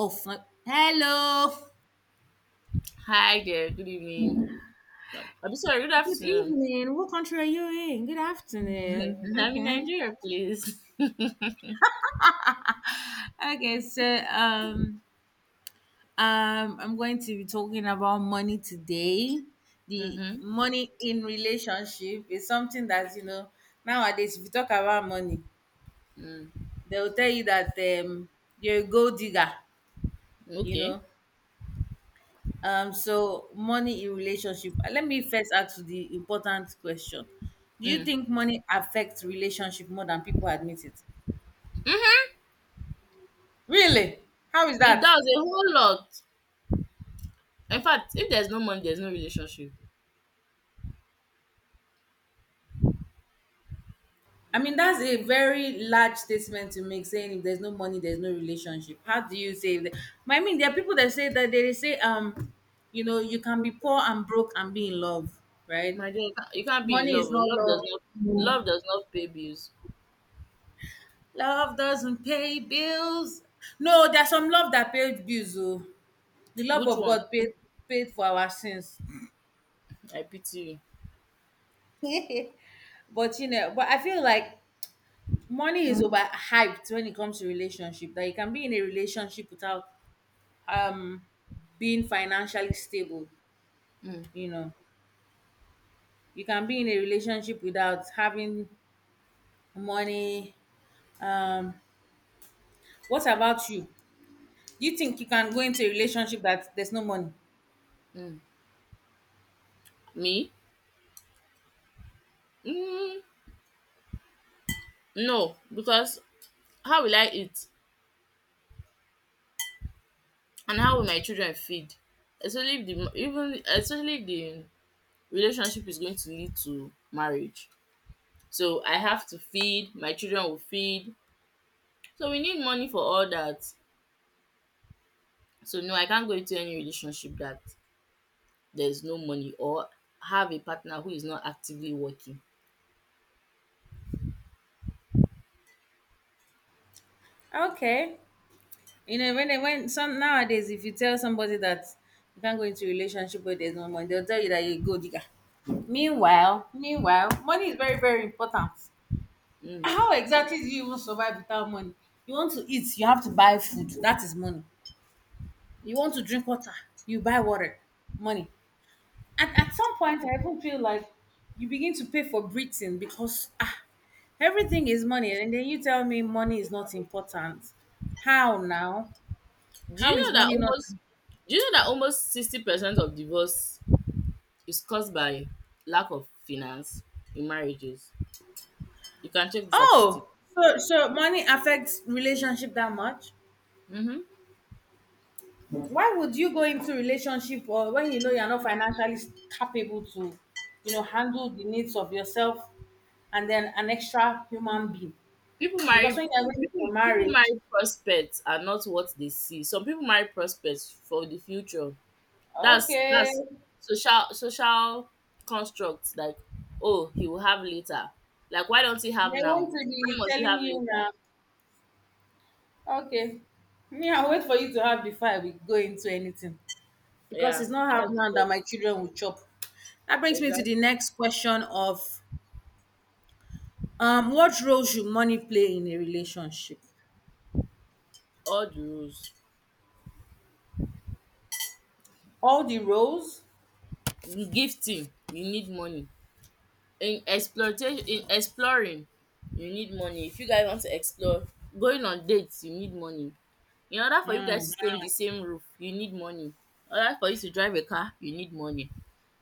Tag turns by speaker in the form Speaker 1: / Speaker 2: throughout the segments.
Speaker 1: Oh, hello.
Speaker 2: Hi there, good evening. No, I'm sorry, good
Speaker 1: Good
Speaker 2: afternoon.
Speaker 1: evening. What country are you in? Good afternoon.
Speaker 2: I'm in
Speaker 1: Okay.
Speaker 2: Nigeria, please. Mm-hmm.
Speaker 1: Okay. So, I'm going to be talking about money today. The money in relationship is something that nowadays. If you talk about money,
Speaker 2: Mm.
Speaker 1: they will tell you that um, you're a gold digger. You
Speaker 2: Okay.
Speaker 1: know, so money in relationship. Let me first ask you the important question. Do you
Speaker 2: Mm.
Speaker 1: think money affects relationship more than people admit it? Really? How is
Speaker 2: It
Speaker 1: that?
Speaker 2: does a whole lot. In fact, if there's no money, there's no relationship.
Speaker 1: I mean, that's a very large statement to make, saying if there's no money, there's no relationship. How do you say that? I mean, there are people that say that they say, you can be poor and broke and be in love, right?
Speaker 2: My dear, you can't be in
Speaker 1: Money
Speaker 2: love.
Speaker 1: is
Speaker 2: Oh.
Speaker 1: not
Speaker 2: Love does
Speaker 1: love.
Speaker 2: not love does not pay bills.
Speaker 1: Love doesn't pay bills. No, there's some love that pays bills. Oh. The love
Speaker 2: Which
Speaker 1: of
Speaker 2: one?
Speaker 1: God paid for our sins.
Speaker 2: I pity
Speaker 1: But I feel like money is overhyped when it comes to relationship. That you can be in a relationship without um being financially stable.
Speaker 2: you. Mm.
Speaker 1: You know, you can be in a relationship without having money. Um, what about you? You think you can go into a relationship that there's no money?
Speaker 2: Mm. Me? Mm. No, because how will I eat, and how will my children feed? Especially if the relationship is going to lead to marriage. So I have to feed, my children will feed. So we need money for all that. So no, I can't go into any relationship that there's no money or have a partner who is not actively working.
Speaker 1: Okay. When some nowadays, if you tell somebody that you can't go into a relationship where there's no money, they'll tell you that you're a gold digger. Meanwhile, money is very, very important.
Speaker 2: Mm.
Speaker 1: How exactly do you even survive without money? You want to eat, you have to buy food. That is money. You want to drink water, you buy water. Money. At some point, I even feel like you begin to pay for breathing because everything is money. And then you tell me money is not important. How now?
Speaker 2: Do
Speaker 1: How
Speaker 2: you
Speaker 1: is
Speaker 2: know that
Speaker 1: money not
Speaker 2: almost do you know that almost 60% of divorce is caused by lack of finance in marriages? You can check the statistics.
Speaker 1: Oh, so money affects relationship that much?
Speaker 2: Hmm.
Speaker 1: Why would you go into relationship or when you know you're not financially capable to, handle the needs of yourself and then an extra human being?
Speaker 2: People
Speaker 1: Because
Speaker 2: marry
Speaker 1: when you're going
Speaker 2: people
Speaker 1: for
Speaker 2: people
Speaker 1: marriage,
Speaker 2: marry prospects are not what they see. Some people marry prospects for the future. That's
Speaker 1: okay,
Speaker 2: that's social constructs, like, oh, he will have later. Like, why don't he have
Speaker 1: they
Speaker 2: now?
Speaker 1: want to
Speaker 2: Why
Speaker 1: be
Speaker 2: must he
Speaker 1: telling
Speaker 2: have
Speaker 1: you
Speaker 2: later?
Speaker 1: now, okay, me, I'll wait for you to have before I will go into anything. Because
Speaker 2: Yeah,
Speaker 1: it's not have
Speaker 2: that's the
Speaker 1: now that my
Speaker 2: best.
Speaker 1: children will chop. That brings me to the
Speaker 2: Exactly.
Speaker 1: next question of what role should money play in a relationship?
Speaker 2: All the rules.
Speaker 1: All the roles?
Speaker 2: In gifting, you need money. In exploring, you need money. If you guys want to explore, going on dates, you need money. In order for you guys
Speaker 1: Mm.
Speaker 2: to stay in the same roof, you need money. In order for you to drive a car, you need money.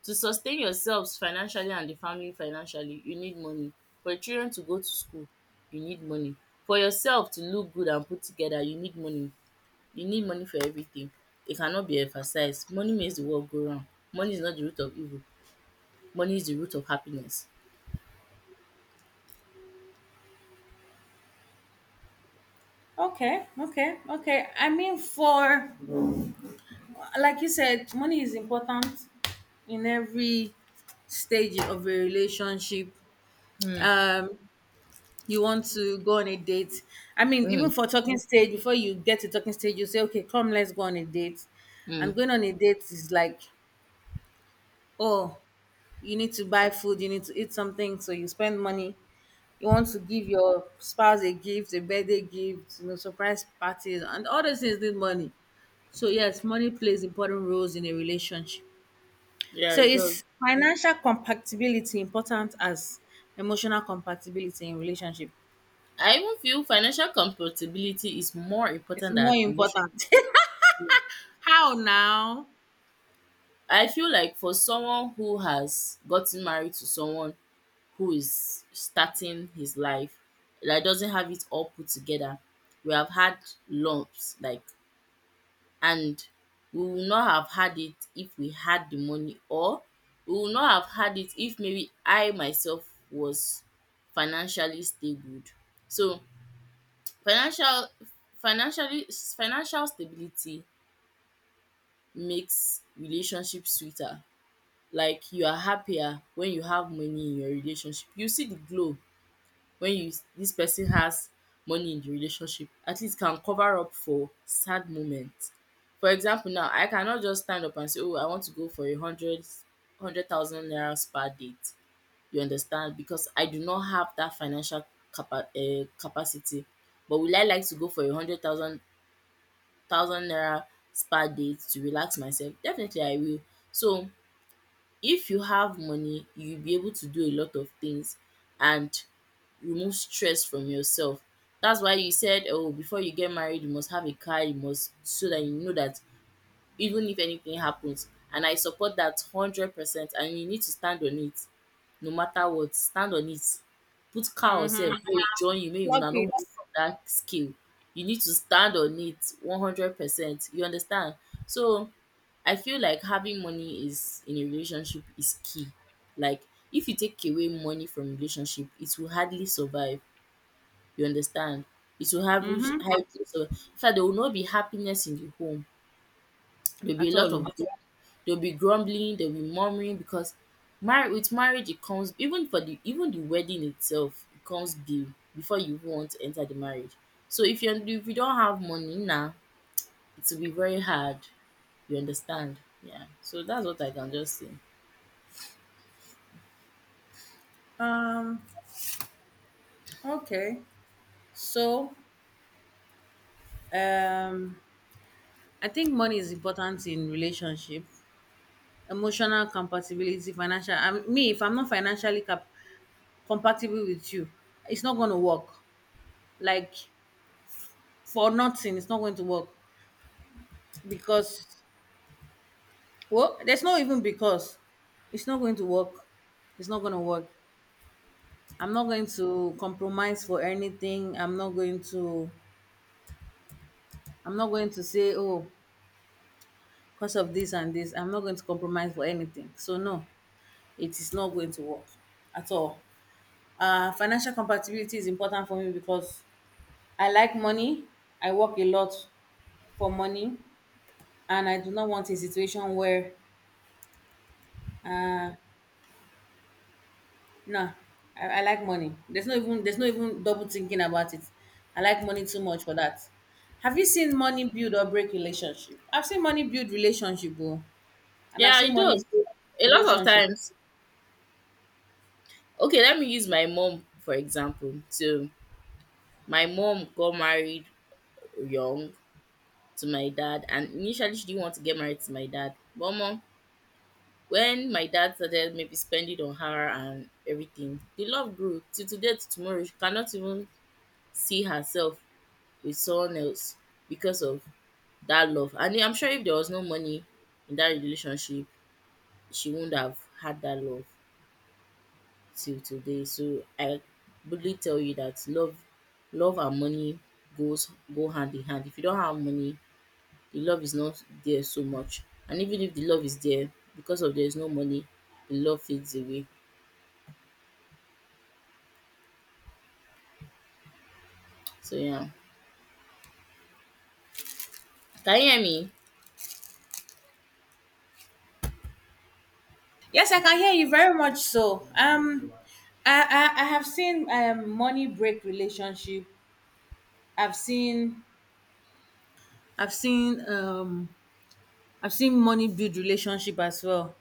Speaker 2: To sustain yourselves financially and the family financially, you need money. For your children to go to school, you need money. For yourself to look good and put together, you need money. You need money for everything. It cannot be emphasized. Money makes the world go round. Money is not the root of evil. Money is the root of happiness.
Speaker 1: Okay, okay, okay. I mean, for, like you said, money is important in every stage of a relationship. Um, you want to go on a date. I mean, even
Speaker 2: Mm,
Speaker 1: for talking stage, before you get to talking stage, you say, okay, come, let's go on a date.
Speaker 2: mm.
Speaker 1: And going on a date is like, oh, you need to buy food, you need to eat something, so you spend money. You want to give your spouse a gift, a birthday gift, surprise parties, and all those things need money. So yes, money plays important roles in a relationship.
Speaker 2: Yeah,
Speaker 1: So
Speaker 2: it does.
Speaker 1: is financial compatibility important as emotional compatibility in relationship?
Speaker 2: I even feel financial compatibility is more
Speaker 1: It's
Speaker 2: important
Speaker 1: more
Speaker 2: than emotional.
Speaker 1: important. How now?
Speaker 2: I feel like for someone who has gotten married to someone who is starting his life, that doesn't have it all put together, we have had lumps, like, and we will not have had it if we had the money, or we will not have had it if maybe I myself was financially stable. So financial financially financial stability makes relationships sweeter. Like, you are happier when you have money in your relationship. You see the glow when you this person has money in the relationship. At least can cover up for sad moments. For example now, I cannot just stand up and say, oh, I want to go for a hundred thousand naira spa date. You understand? Because I do not have that financial capacity. But will I like to go for a hundred thousand naira spa date to relax myself? Definitely I will. So if you have money, you'll be able to do a lot of things and remove stress from yourself. That's why you said, oh, before you get married, you must have a car, you must, so that you know that even if anything happens, and I support that 100%, and you need to stand on it no matter what, stand on it. Put cow sef
Speaker 1: Mm-hmm.
Speaker 2: make e join you make
Speaker 1: Plug
Speaker 2: una no
Speaker 1: it.
Speaker 2: move from dat scale. You need to stand on it 100%, you understand? So I feel like having money is in a relationship is key. Like, if you take away money from relationship, it will hardly survive, you understand? It will have
Speaker 1: Mm-hmm.
Speaker 2: hardly survive. In fact, there will not be happiness in the home. There'll be a
Speaker 1: At
Speaker 2: lot of
Speaker 1: all.
Speaker 2: grum There'll be grumbling, there'll be murmuring, because mar with marriage it comes, even for the, even the wedding itself, it comes due before you even want to enter the marriage. So if you don't have money now, it will be very hard. You understand? Yeah. So that's what I can just say.
Speaker 1: Oh. Okay. So, um, I think money is important in relationship. Emotional compatibility, financial. I mean, me, if I'm not financially compatible with you, it's not going to work. Like, for nothing, it's not going to work because, well, there's no even because it's not going to work. It's not going to work. I'm not going to compromise for anything. I'm not going to. I'm not going to say, oh, because of this and this. I'm not going to compromise for anything. So no, it is not going to work at all. Financial compatibility is important for me because I like money. I work a lot for money, and I do not want a situation where, uh, no, I like money. There's no even double thinking about it. I like money too much for that. Have you seen money build or break relationship? I've seen money build relationship, oh, and I've
Speaker 2: Yeah,
Speaker 1: seen
Speaker 2: it
Speaker 1: money
Speaker 2: does.
Speaker 1: break
Speaker 2: A lot of
Speaker 1: relationship.
Speaker 2: times. Okay, let me use my mom for example. So my mom got married young to my dad, and initially she didn't want to get married to my dad. But mom When my dad started maybe spending on her and everything, the love grew till today to tomorrow. She cannot even see herself with someone else because of that love. And I'm sure if there was no money in that relationship, she wouldn't have had that love till today. So I boldly tell you that love and money goes go hand in hand. If you don't have money, the love is not there so much. And even if the love is there, because of there is no money, the love fades away. So yeah. Can you hear me?
Speaker 1: Yes, I can hear you very much. So, I I have seen money break relationship. I've seen I've seen um I've seen money build relationship as well.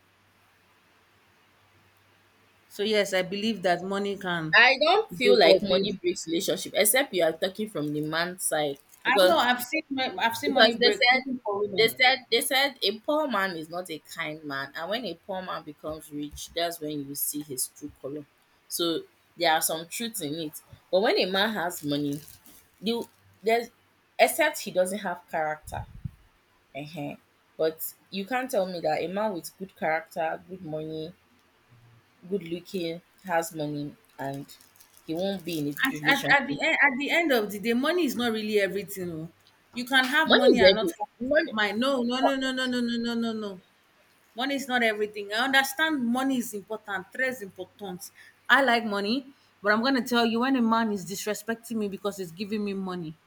Speaker 1: So yes, I believe that money can
Speaker 2: I don't feel
Speaker 1: break or
Speaker 2: like money
Speaker 1: build.
Speaker 2: breaks relationship, except you are talking from the man's side,
Speaker 1: I know
Speaker 2: because
Speaker 1: I've seen money
Speaker 2: because they
Speaker 1: break
Speaker 2: said
Speaker 1: even for
Speaker 2: they
Speaker 1: women.
Speaker 2: said they said a poor man is not a kind man, and when a poor man becomes rich, that's when you see his true color. So there are some truths in it. But when a man has money, you there's except he doesn't have character. uh But you can't tell me that a man with good character, good money, good looking, has money, and he won't be in a good
Speaker 1: At, at, at the
Speaker 2: relationship.
Speaker 1: end at the end of the day, money is not really everything. Oh. You can have
Speaker 2: Money
Speaker 1: money
Speaker 2: is
Speaker 1: and not
Speaker 2: every
Speaker 1: have peace of
Speaker 2: money.
Speaker 1: mind. No, no, no, no, no, no, no, no, no, no. Money is not everything. I understand money is important, tres important. I like money, but I'm gonna tell you, when a man is disrespecting me because he's giving me money,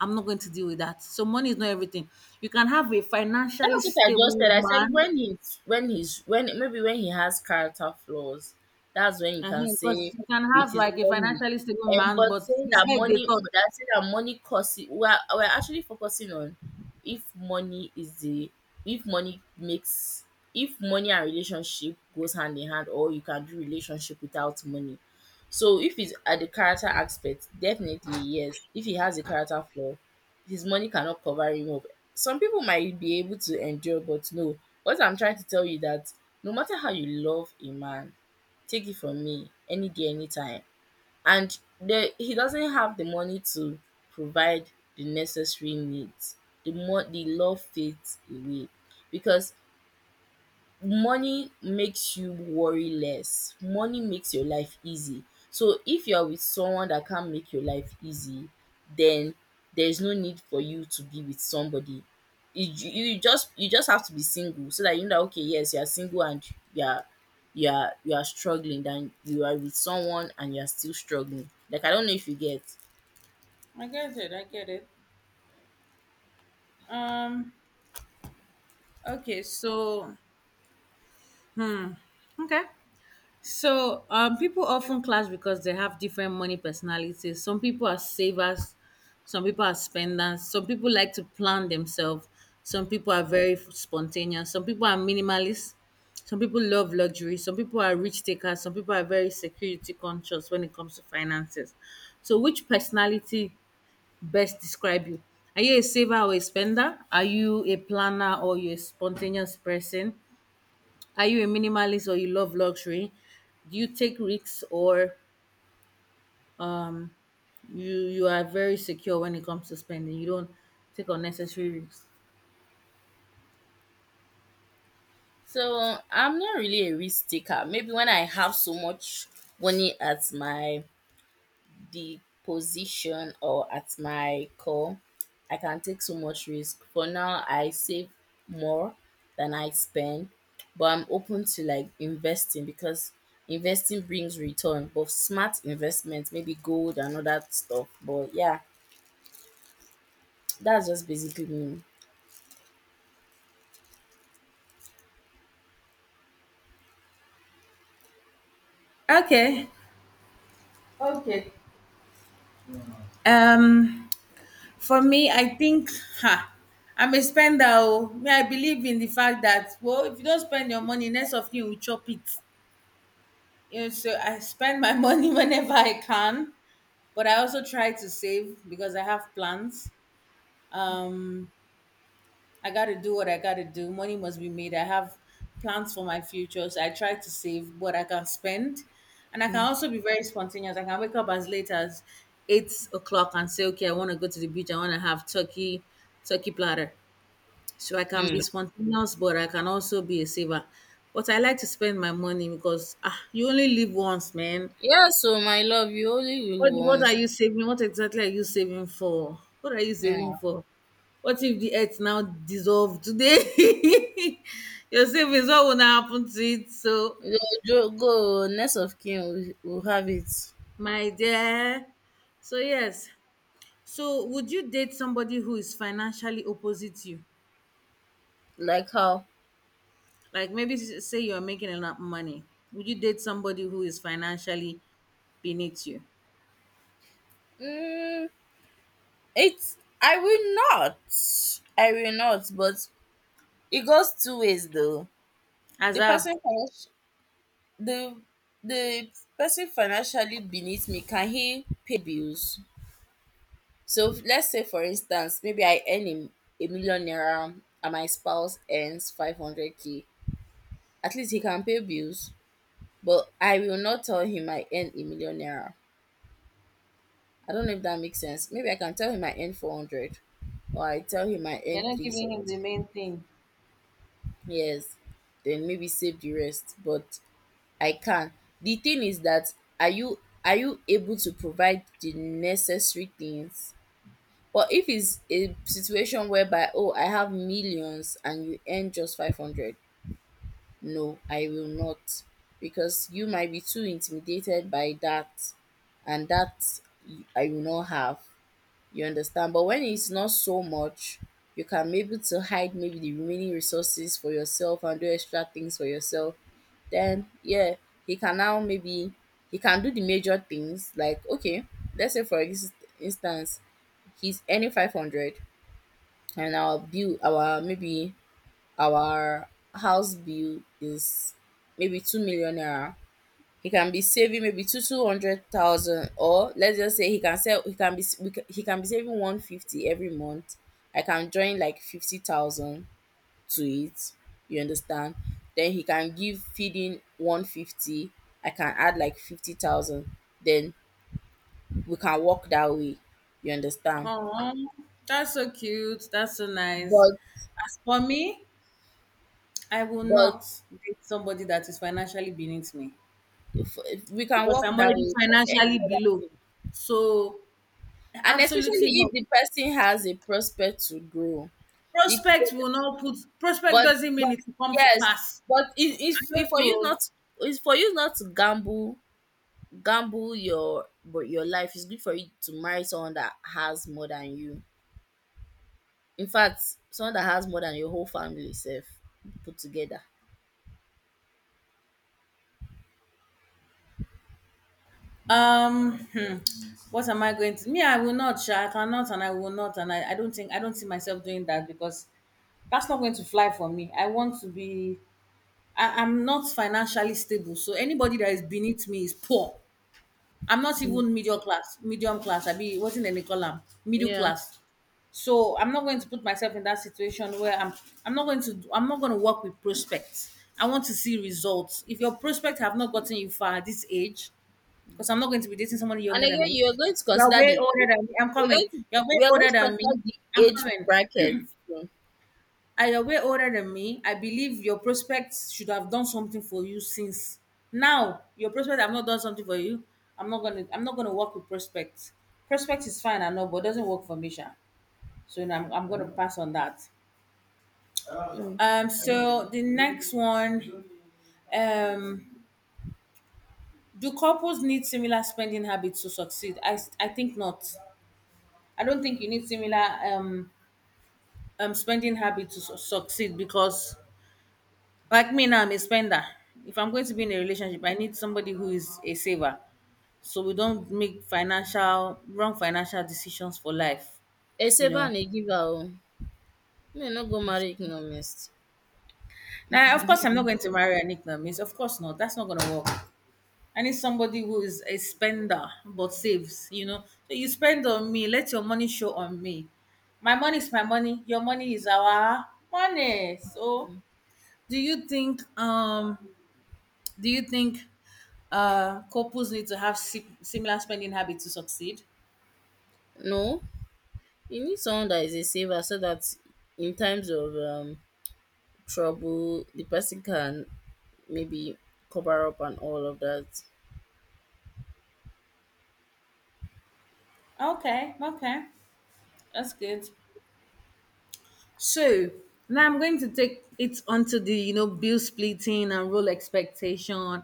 Speaker 1: I'm not going to deal with that. So money is not everything. You can have a financially
Speaker 2: That's what I just
Speaker 1: stable
Speaker 2: said. I said
Speaker 1: man,
Speaker 2: when he's when he's when maybe when he has character flaws, that's when you can
Speaker 1: because
Speaker 2: say
Speaker 1: you can
Speaker 2: with
Speaker 1: have
Speaker 2: his
Speaker 1: like a
Speaker 2: money.
Speaker 1: financially stable
Speaker 2: And
Speaker 1: man,
Speaker 2: but
Speaker 1: but
Speaker 2: saying
Speaker 1: his
Speaker 2: that
Speaker 1: head they
Speaker 2: money,
Speaker 1: touch.
Speaker 2: that saying that money costs. We're actually focusing on if money is the if money makes if money and relationship goes hand in hand, or you can do relationship without money. So if it's at the character aspect, definitely yes. If he has a character flaw, his money cannot cover him up. Some people might be able to endure, but no. What I'm trying to tell you that no matter how you love a man, take it from me, any day, anytime. And he doesn't have the money to provide the necessary needs. The more the love fades away. Because money makes you worry less. Money makes your life easy. So if you're with someone that can't make your life easy, then there's no need for you to be with somebody. You just have to be single, so that you know that, okay, yes, you are single and you are you are struggling, then you are with someone and you are still struggling. Like, I don't know if you get.
Speaker 1: I get it. I get it. Um. Okay. So. Hmm. Okay. So people often clash because they have different money personalities. Some people are savers, some people are spenders, some people like to plan themselves, some people are very spontaneous, some people are minimalists, some people love luxury, some people are rich takers, some people are very security conscious when it comes to finances. So which personality best describe you? Are you a saver or a spender? Are you a planner or you're a spontaneous person? Are you a minimalist or you love luxury? Do you take risks, or you are very secure when it comes to spending? You don't take unnecessary risks.
Speaker 2: So I'm not really a risk taker. Maybe when I have so much money at my the position, or at my core, I can take so much risk. For now, I save more than I spend, but I'm open to, like, investing, because investing brings return, but smart investment, maybe gold and all that stuff. But yeah, that's just basically me.
Speaker 1: Okay. Okay. Um for me, I think ha, I'm a spender. Oh. Me, I believe in the fact that, well, if you don't spend your money, next of you will chop it. So I spend my money whenever I can, but I also try to save because I have plans. Um I got to do what I got to do. Money must be made. I have plans for my future. So I try to save what I can spend. And I can also be very spontaneous. I can wake up as late as 8 o'clock and say, okay, I want to go to the beach. I want to have turkey platter. So I can be
Speaker 2: Mm.
Speaker 1: spontaneous, but I can also be a saver. But I like to spend my money because, you only live once, man.
Speaker 2: Yeah, so my love, you only live
Speaker 1: What are
Speaker 2: once.
Speaker 1: you saving? What exactly are you saving for? What are you saving
Speaker 2: Yeah,
Speaker 1: for? What if the earth now dissolve today? Your savings, what will now happen to it? So,
Speaker 2: go, go. Next of kin, will have it.
Speaker 1: my dear. So yes. So would you date somebody who is financially opposite you?
Speaker 2: Like how?
Speaker 1: Like, maybe say you're making enough money. Would you date somebody who is financially beneath you?
Speaker 2: Mm. It's I will not. I will not, but it goes two ways though.
Speaker 1: As
Speaker 2: The
Speaker 1: how?
Speaker 2: person financial the the person financially beneath me, can he pay bills? So let's say for instance, maybe I earn him a million naira and my spouse earns 500K. At least he can pay bills. But I will not tell him I earn a million naira. I don't know if that makes sense. Maybe I can tell him I earn 400, or I tell him I
Speaker 1: You're
Speaker 2: earn
Speaker 1: not
Speaker 2: three
Speaker 1: giving
Speaker 2: seventy.
Speaker 1: him the main thing.
Speaker 2: Yes, then maybe save the rest, but I can. The thing is that are you able to provide the necessary things? Or if it's a situation whereby, oh, I have millions and you earn just 500, no, I will not, because you might be too intimidated by that, and that I will not have. You understand? But when it's not so much, you can be able to hide maybe the remaining resources for yourself and do extra things for yourself, then yeah, he can now maybe he can do the major things, like, okay, let's say for instance, he's earning 500, and our house bill is maybe 2 million naira. He can be saving maybe two hundred thousand, or let's just say he can sell he can be s- he can be saving 150 every month. I can join like 50,000 to it, you understand? Then he can give feeding 150, I can add like 50,000, then we can work that way, you understand?
Speaker 1: Oh, that's so cute. That's so nice.
Speaker 2: but
Speaker 1: As for me, I will
Speaker 2: but
Speaker 1: not date somebody that is financially beneath me
Speaker 2: if we can
Speaker 1: because
Speaker 2: work
Speaker 1: I'm
Speaker 2: that
Speaker 1: already
Speaker 2: way for any
Speaker 1: financially
Speaker 2: other
Speaker 1: below.
Speaker 2: thing,
Speaker 1: So
Speaker 2: and
Speaker 1: absolutely
Speaker 2: especially
Speaker 1: not.
Speaker 2: if the person has a prospect to grow. the,
Speaker 1: Prospect
Speaker 2: but
Speaker 1: doesn't
Speaker 2: but
Speaker 1: mean it will come to
Speaker 2: yes,
Speaker 1: pass.
Speaker 2: but if
Speaker 1: I
Speaker 2: if
Speaker 1: don't
Speaker 2: if for you
Speaker 1: know.
Speaker 2: not, it's for you not to gamble your, but your life, it's good for you to marry someone that has more than you. In fact, someone that has more than your whole family sef put together.
Speaker 1: Um hmm, what am I going to me? I will not, sha. I cannot, and I will not, and I don't think, I don't see myself doing that because that's not going to fly for me. I want to be I'm not financially stable. So anybody that is beneath me is poor. I'm not
Speaker 2: Mm,
Speaker 1: even middle class, medium class. I be wasn't any column, middle
Speaker 2: yeah,
Speaker 1: class. So I'm not going to put myself in that situation where I'm not going to work with prospects. I want to see results. If your prospects have not gotten you far at this age, because I'm not going to be dating somebody
Speaker 2: and
Speaker 1: younger than
Speaker 2: again,
Speaker 1: me.
Speaker 2: you are going to
Speaker 1: You're
Speaker 2: consider
Speaker 1: way
Speaker 2: the,
Speaker 1: older than me. I'm
Speaker 2: we're going
Speaker 1: coming.
Speaker 2: to
Speaker 1: You're way
Speaker 2: we are going
Speaker 1: older
Speaker 2: to
Speaker 1: than me.
Speaker 2: consider the
Speaker 1: I'm
Speaker 2: age
Speaker 1: coming.
Speaker 2: bracket too.
Speaker 1: And you way older than me. I believe your prospects should have done something for you since now. Your prospects have not done something for you. I'm not gonna. I'm not gonna work with prospects. Prospects is fine, I know, but it doesn't work for me, Sha. So now I'm gonna pass on that.
Speaker 2: Mm.
Speaker 1: So the next one, um, do couples need similar spending habits to succeed? I think not. I don't think you need similar spending habits to succeed because, like me now, I'm a spender. If I'm going to be in a relationship, I need somebody who is a saver. So we don't make financial wrong financial decisions for life,
Speaker 2: A
Speaker 1: you
Speaker 2: saver
Speaker 1: know.
Speaker 2: and a giver oh, may not go marry economist.
Speaker 1: Now, of course, I'm not going to marry an ignorant. Of course not. That's not going to work. I need somebody who is a spender but saves. So you spend on me, let your money show on me. My money is my money. Your money is our money. So do you think um Do you think couples need to have similar spending habits to succeed?
Speaker 2: No, you need someone that is a saver so that in times of, trouble, the person can maybe cover up and all of that.
Speaker 1: Okay, okay, that's good. So now I'm going to take it onto the bill splitting and role expectation,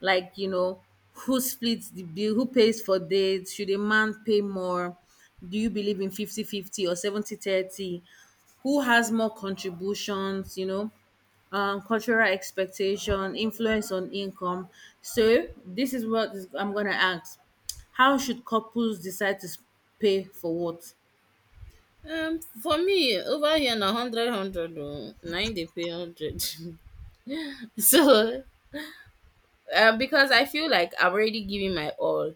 Speaker 1: like who splits the bill, who pays for dates, should a man pay more? Do you believe in 50/50 or 70/30? Who has more contributions? Cultural expectation, influence on income. So this is what is, I'm gonna ask: how should couples decide to pay for what?
Speaker 2: For me, over here na 100, 100 oh, pay 100. so because I feel like I'm already giving my all,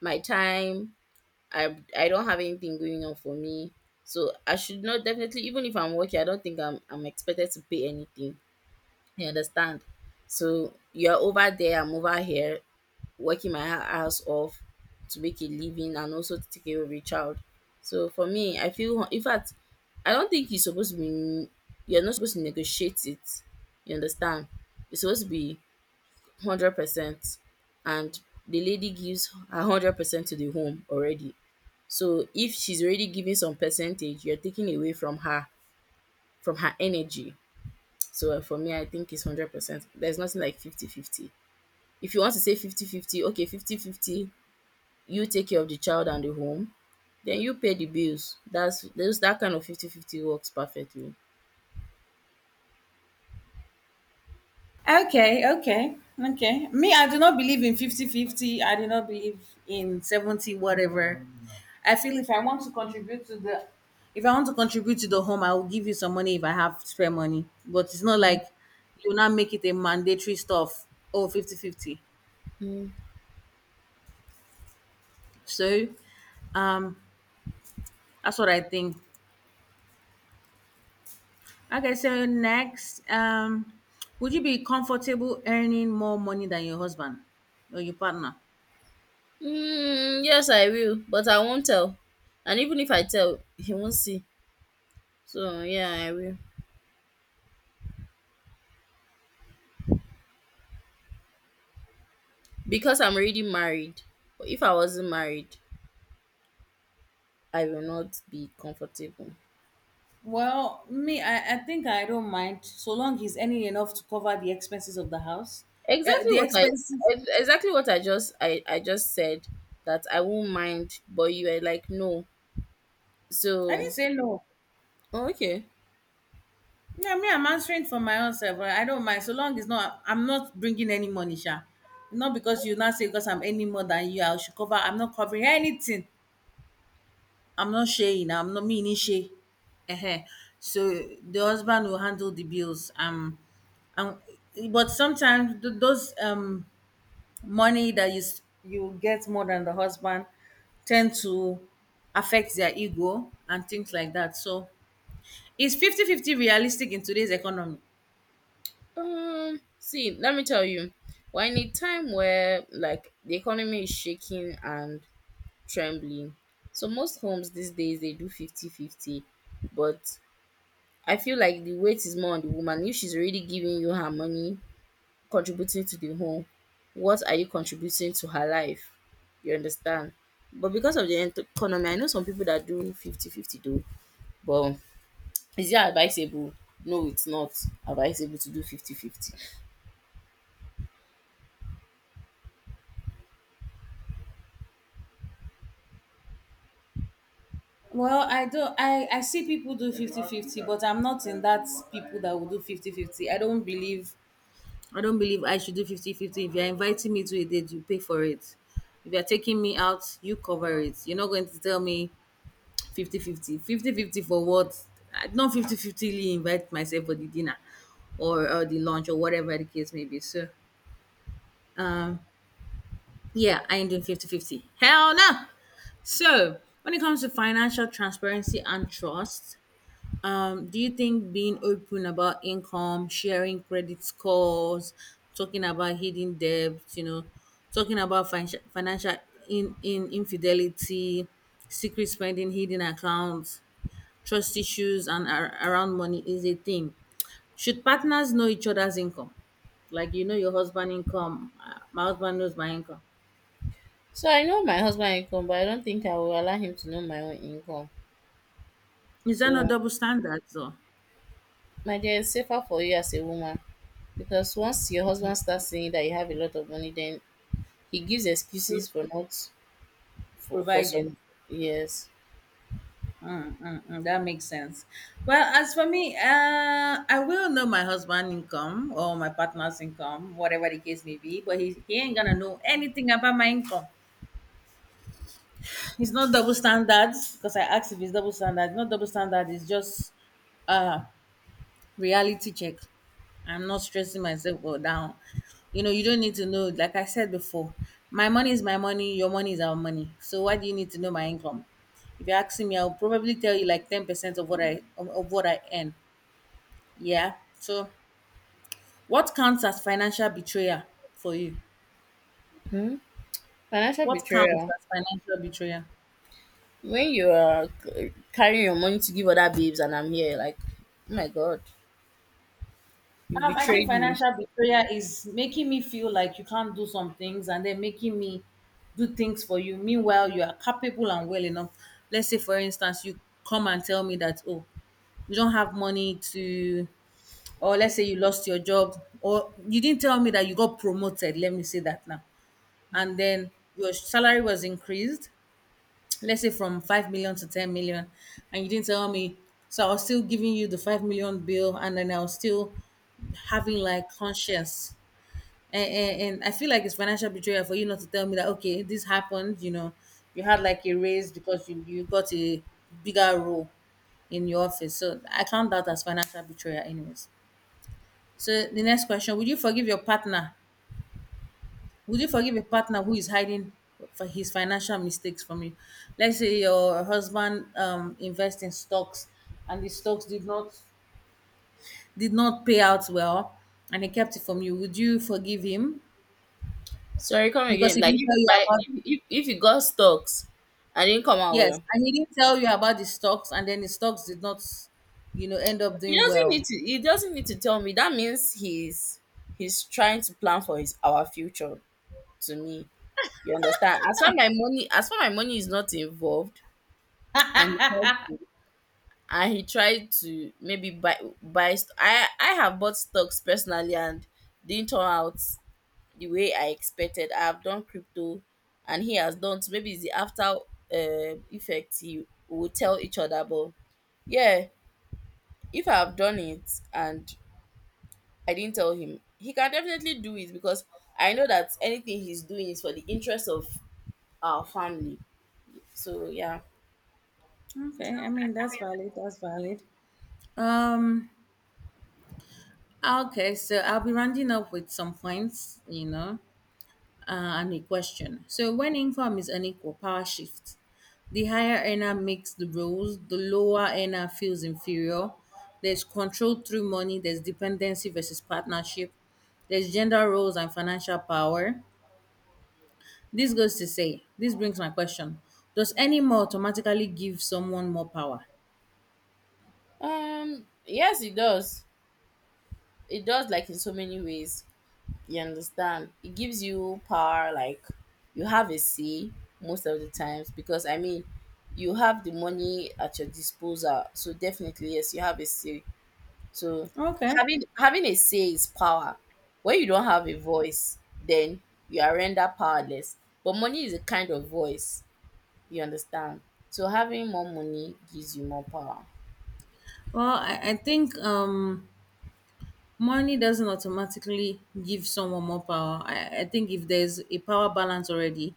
Speaker 2: my time. I don't have anything going on for me, so I should not, definitely. Even if I'm working, I don't think I'm expected to pay anything, you understand? So you're over there, I'm over here working my ass off to make a living, and also to take care of a child. So for me, I feel, in fact, I don't think you're supposed to be, you're not supposed to negotiate it, you understand? It's supposed to be 100%, and the lady gives 100% to the home already. So if she's already giving some percentage, you're taking away from her, from her energy. So for me I think it's 100%. There's nothing like 50 50. If you want to say 50 50, okay, 50 50. You take care of the child and the home, then you pay the bills. That's those, that kind of 50 50 works perfectly.
Speaker 1: Okay, okay, okay. Me, I do not believe in fifty-fifty. I do not believe in 70 whatever. I feel if I want to contribute to the if I want to contribute to the home, I will give you some money if I have spare money. But it's not
Speaker 2: Mhm.
Speaker 1: like you now make it a mandatory stuff. Oh, 50 fifty.
Speaker 2: Mm,
Speaker 1: So um that's what I think. Okay, so next, would you be comfortable earning more money than your husband or your partner?
Speaker 2: yes, I will, but I won't tell. And even if I tell, he won't see. So yeah, I will, because I'm already married. But if I wasn't married, I will not be comfortable.
Speaker 1: Well, me, I think I don't mind so long he's earning enough to cover the expenses of the house. Uh,
Speaker 2: Exactly
Speaker 1: the
Speaker 2: what I,
Speaker 1: expenses.
Speaker 2: exactly what I just said, that I won't mind, but you are like no.
Speaker 1: I
Speaker 2: So
Speaker 1: didn't say no.
Speaker 2: oh, okay.
Speaker 1: Yeah, me, I'm answering for my own self. I don't mind so long it's not. I'm not bringing any money, sha. Not because you now say because I'm earning more than you, I should cover. I'm not covering anything. I'm not sharing. I'm not meaning share. Uh-huh. So the husband will handle the bills. And But sometimes those money that you get more than the husband tend to affect their ego and things like that, so is 50/50 realistic in today's economy?
Speaker 2: Um, see, let me tell you. We're in a time where, like, the economy is shaking and trembling. So most homes these days, they do 50-50, but I feel like the weight is more on the woman. If she's already giving you her money, contributing to the home, what are you contributing to her life? You understand? But because of the economy, I know some people that do 50 fifty 50 though, but is it advisable? No, it's not advisable to do 50 50.
Speaker 1: Well, I don't. I see people do 50/50, but I'm not in that people that will do 50/50. I don't believe. I don't believe I should do 50/50. If you're inviting me to a date, you pay for it. If you're taking me out, you cover it. You're not going to tell me 50/50. For what? I not 50/50 invite myself for the dinner or the lunch or whatever the case may be. So, yeah, I ain't doing 50/50. Hell no! So, when it comes to financial transparency and trust, do you think being open about income, sharing credit scores, talking about hidden debts, talking about financial in infidelity, secret spending, hidden accounts, trust issues and around money is a thing. Should partners know each other's income? Like you know your husband income, my husband knows my income.
Speaker 2: So I know my husband' income, but I don't think I will allow him to know my own income.
Speaker 1: Is that not
Speaker 2: So,
Speaker 1: double standards or
Speaker 2: my dear, it's safer for you as a woman, because once your husband starts saying that you have a lot of money, then he gives
Speaker 1: who's
Speaker 2: excuses for not, for
Speaker 1: providing?
Speaker 2: some years.
Speaker 1: Mm, mm, mm, that makes sense. Well, as for me, I will know my husband income or my partner's income, whatever the case may be, but he ain't gonna know anything about my income. It's not double standards because I asked if it's double standard. Not double standard. It's just uh reality check. I'm not stressing myself or down. You know, you don't need to know. Like I said before, my money is my money, your money is our money. So why do you need to know my income? If you're asking me, I'll probably tell you like 10% of what I earn. Yeah. So what counts as financial betrayal for you?
Speaker 2: Hmm? Financial
Speaker 1: What counts
Speaker 2: betrayal.
Speaker 1: as financial betrayal?
Speaker 2: When you are carrying your money to give other babes and I'm here, like, oh my god, you
Speaker 1: I think
Speaker 2: betrayed me.
Speaker 1: financial betrayal is making me feel like you can't do some things and then making me do things for you. Meanwhile, you are capable and well enough. Let's say, for instance, you come and tell me that, oh, you don't have money to, or let's say you lost your job, or you didn't tell me that you got promoted. Let me say that now. And then your salary was increased, let's say, from 5 million to 10 million, and you didn't tell me, so I was still giving you the 5 million bill. And then I was still having like conscience. And I feel like it's financial betrayal for you not to tell me that, okay, this happened. You know you had like a raise because you got a bigger role in your office. So I count that as financial betrayal, anyways. So the next question: would you forgive a partner who is hiding for his financial mistakes from you? Let's say your husband invests in stocks and the stocks did not pay out well, and he kept it from you. Would you forgive him?
Speaker 2: Sorry, come
Speaker 1: Because
Speaker 2: again.
Speaker 1: he
Speaker 2: Like
Speaker 1: didn't
Speaker 2: if
Speaker 1: tell
Speaker 2: you
Speaker 1: you
Speaker 2: buy,
Speaker 1: about.
Speaker 2: if you got stocks, I didn't come out
Speaker 1: Yes,
Speaker 2: well.
Speaker 1: and he didn't tell you about the stocks and then the stocks did not end up
Speaker 2: He
Speaker 1: doing
Speaker 2: doesn't
Speaker 1: well.
Speaker 2: need to. He doesn't need to tell me. That means he's trying to plan for his, our future. To me, you understand. As far my money is not involved, and he tried to, and he tried to maybe buy. St- I have bought stocks personally, and didn't turn out the way I expected. I have done crypto, and he has done. So maybe it's the after effect, he will tell each other. But yeah, if I have done it, and I didn't tell him, he can definitely do it, because I know that anything he's doing is for the interest of our family. So yeah.
Speaker 1: Okay, I mean that's valid, that's valid. Um okay, so I'll be rounding up with some points. And a question. So when income is unequal, power shifts. The higher earner makes the rules, the lower earner feels inferior. There's control through money, there's dependency versus partnership, there's gender roles and financial power. This goes to say, this brings my question. Does any more automatically give someone more power?
Speaker 2: Um, yes it does. It does, like, in so many ways. You understand? It gives you power, like, you have a say most of the times, because I mean, you have the money at your disposal. So definitely yes, you have a say. So
Speaker 1: Okay.
Speaker 2: having a say is power. When you don't have a voice, then you are rendered powerless. But money is a kind of voice, you understand? So having more money gives you more power.
Speaker 1: Well, I think money doesn't automatically give someone more power. I think if there's a power balance already,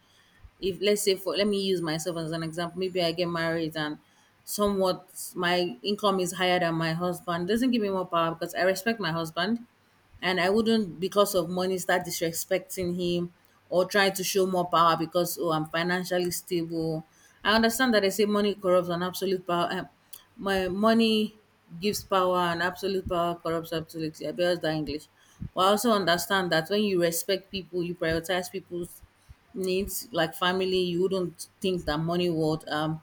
Speaker 1: if let's say for let me use myself as an example. Maybe I get married and somewhat my income is higher than my husband, doesn't give me more power because I respect my husband, and I wouldn't because of money start disrespecting him or try to show more power because oh, I'm financially stable. I understand that they say money corrupts and absolute power, my money gives power and absolute power corrupts absolutely. I bears that english. But I also understand that when you respect people, you prioritize people's needs, like family, you wouldn't think that money would um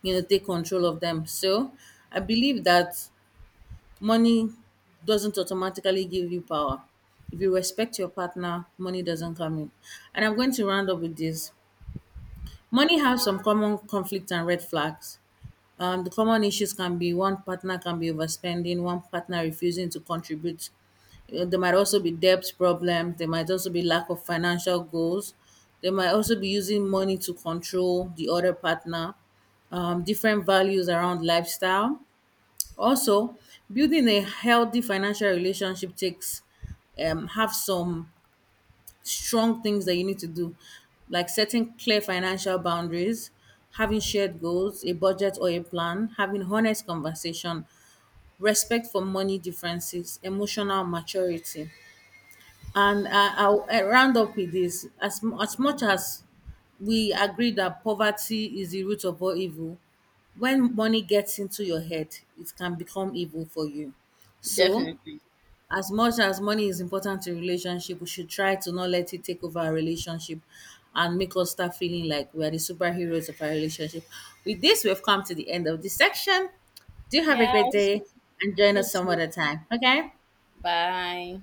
Speaker 1: you know take control of them. So I believe that money doesn't automatically give you power. If you respect your partner, money doesn't come in. And I'm going to round up with this. Money has some common conflict and red flags. The common issues can be one partner can be overspending, one partner refusing to contribute. There might also be debt problems, there might also be lack of financial goals, they might also be using money to control the other partner, different values around lifestyle. Also, building a healthy financial relationship takes have some strong things that you need to do, like setting clear financial boundaries, having shared goals, a budget or a plan, having honest conversation, respect for money differences, emotional maturity. And I'll round up with this. As much as we agree that poverty is the root of all evil, when money gets into your head, it can become evil for you. So,
Speaker 2: Definitely.
Speaker 1: as much as money is important to relationship, we should try to not let it take over our relationship and make us start feeling like we are the superheroes of our relationship. With this, we've come to the end of this section. Do have a great
Speaker 2: Yes,
Speaker 1: day and join
Speaker 2: you
Speaker 1: us some
Speaker 2: too.
Speaker 1: other time, okay?
Speaker 2: Bye.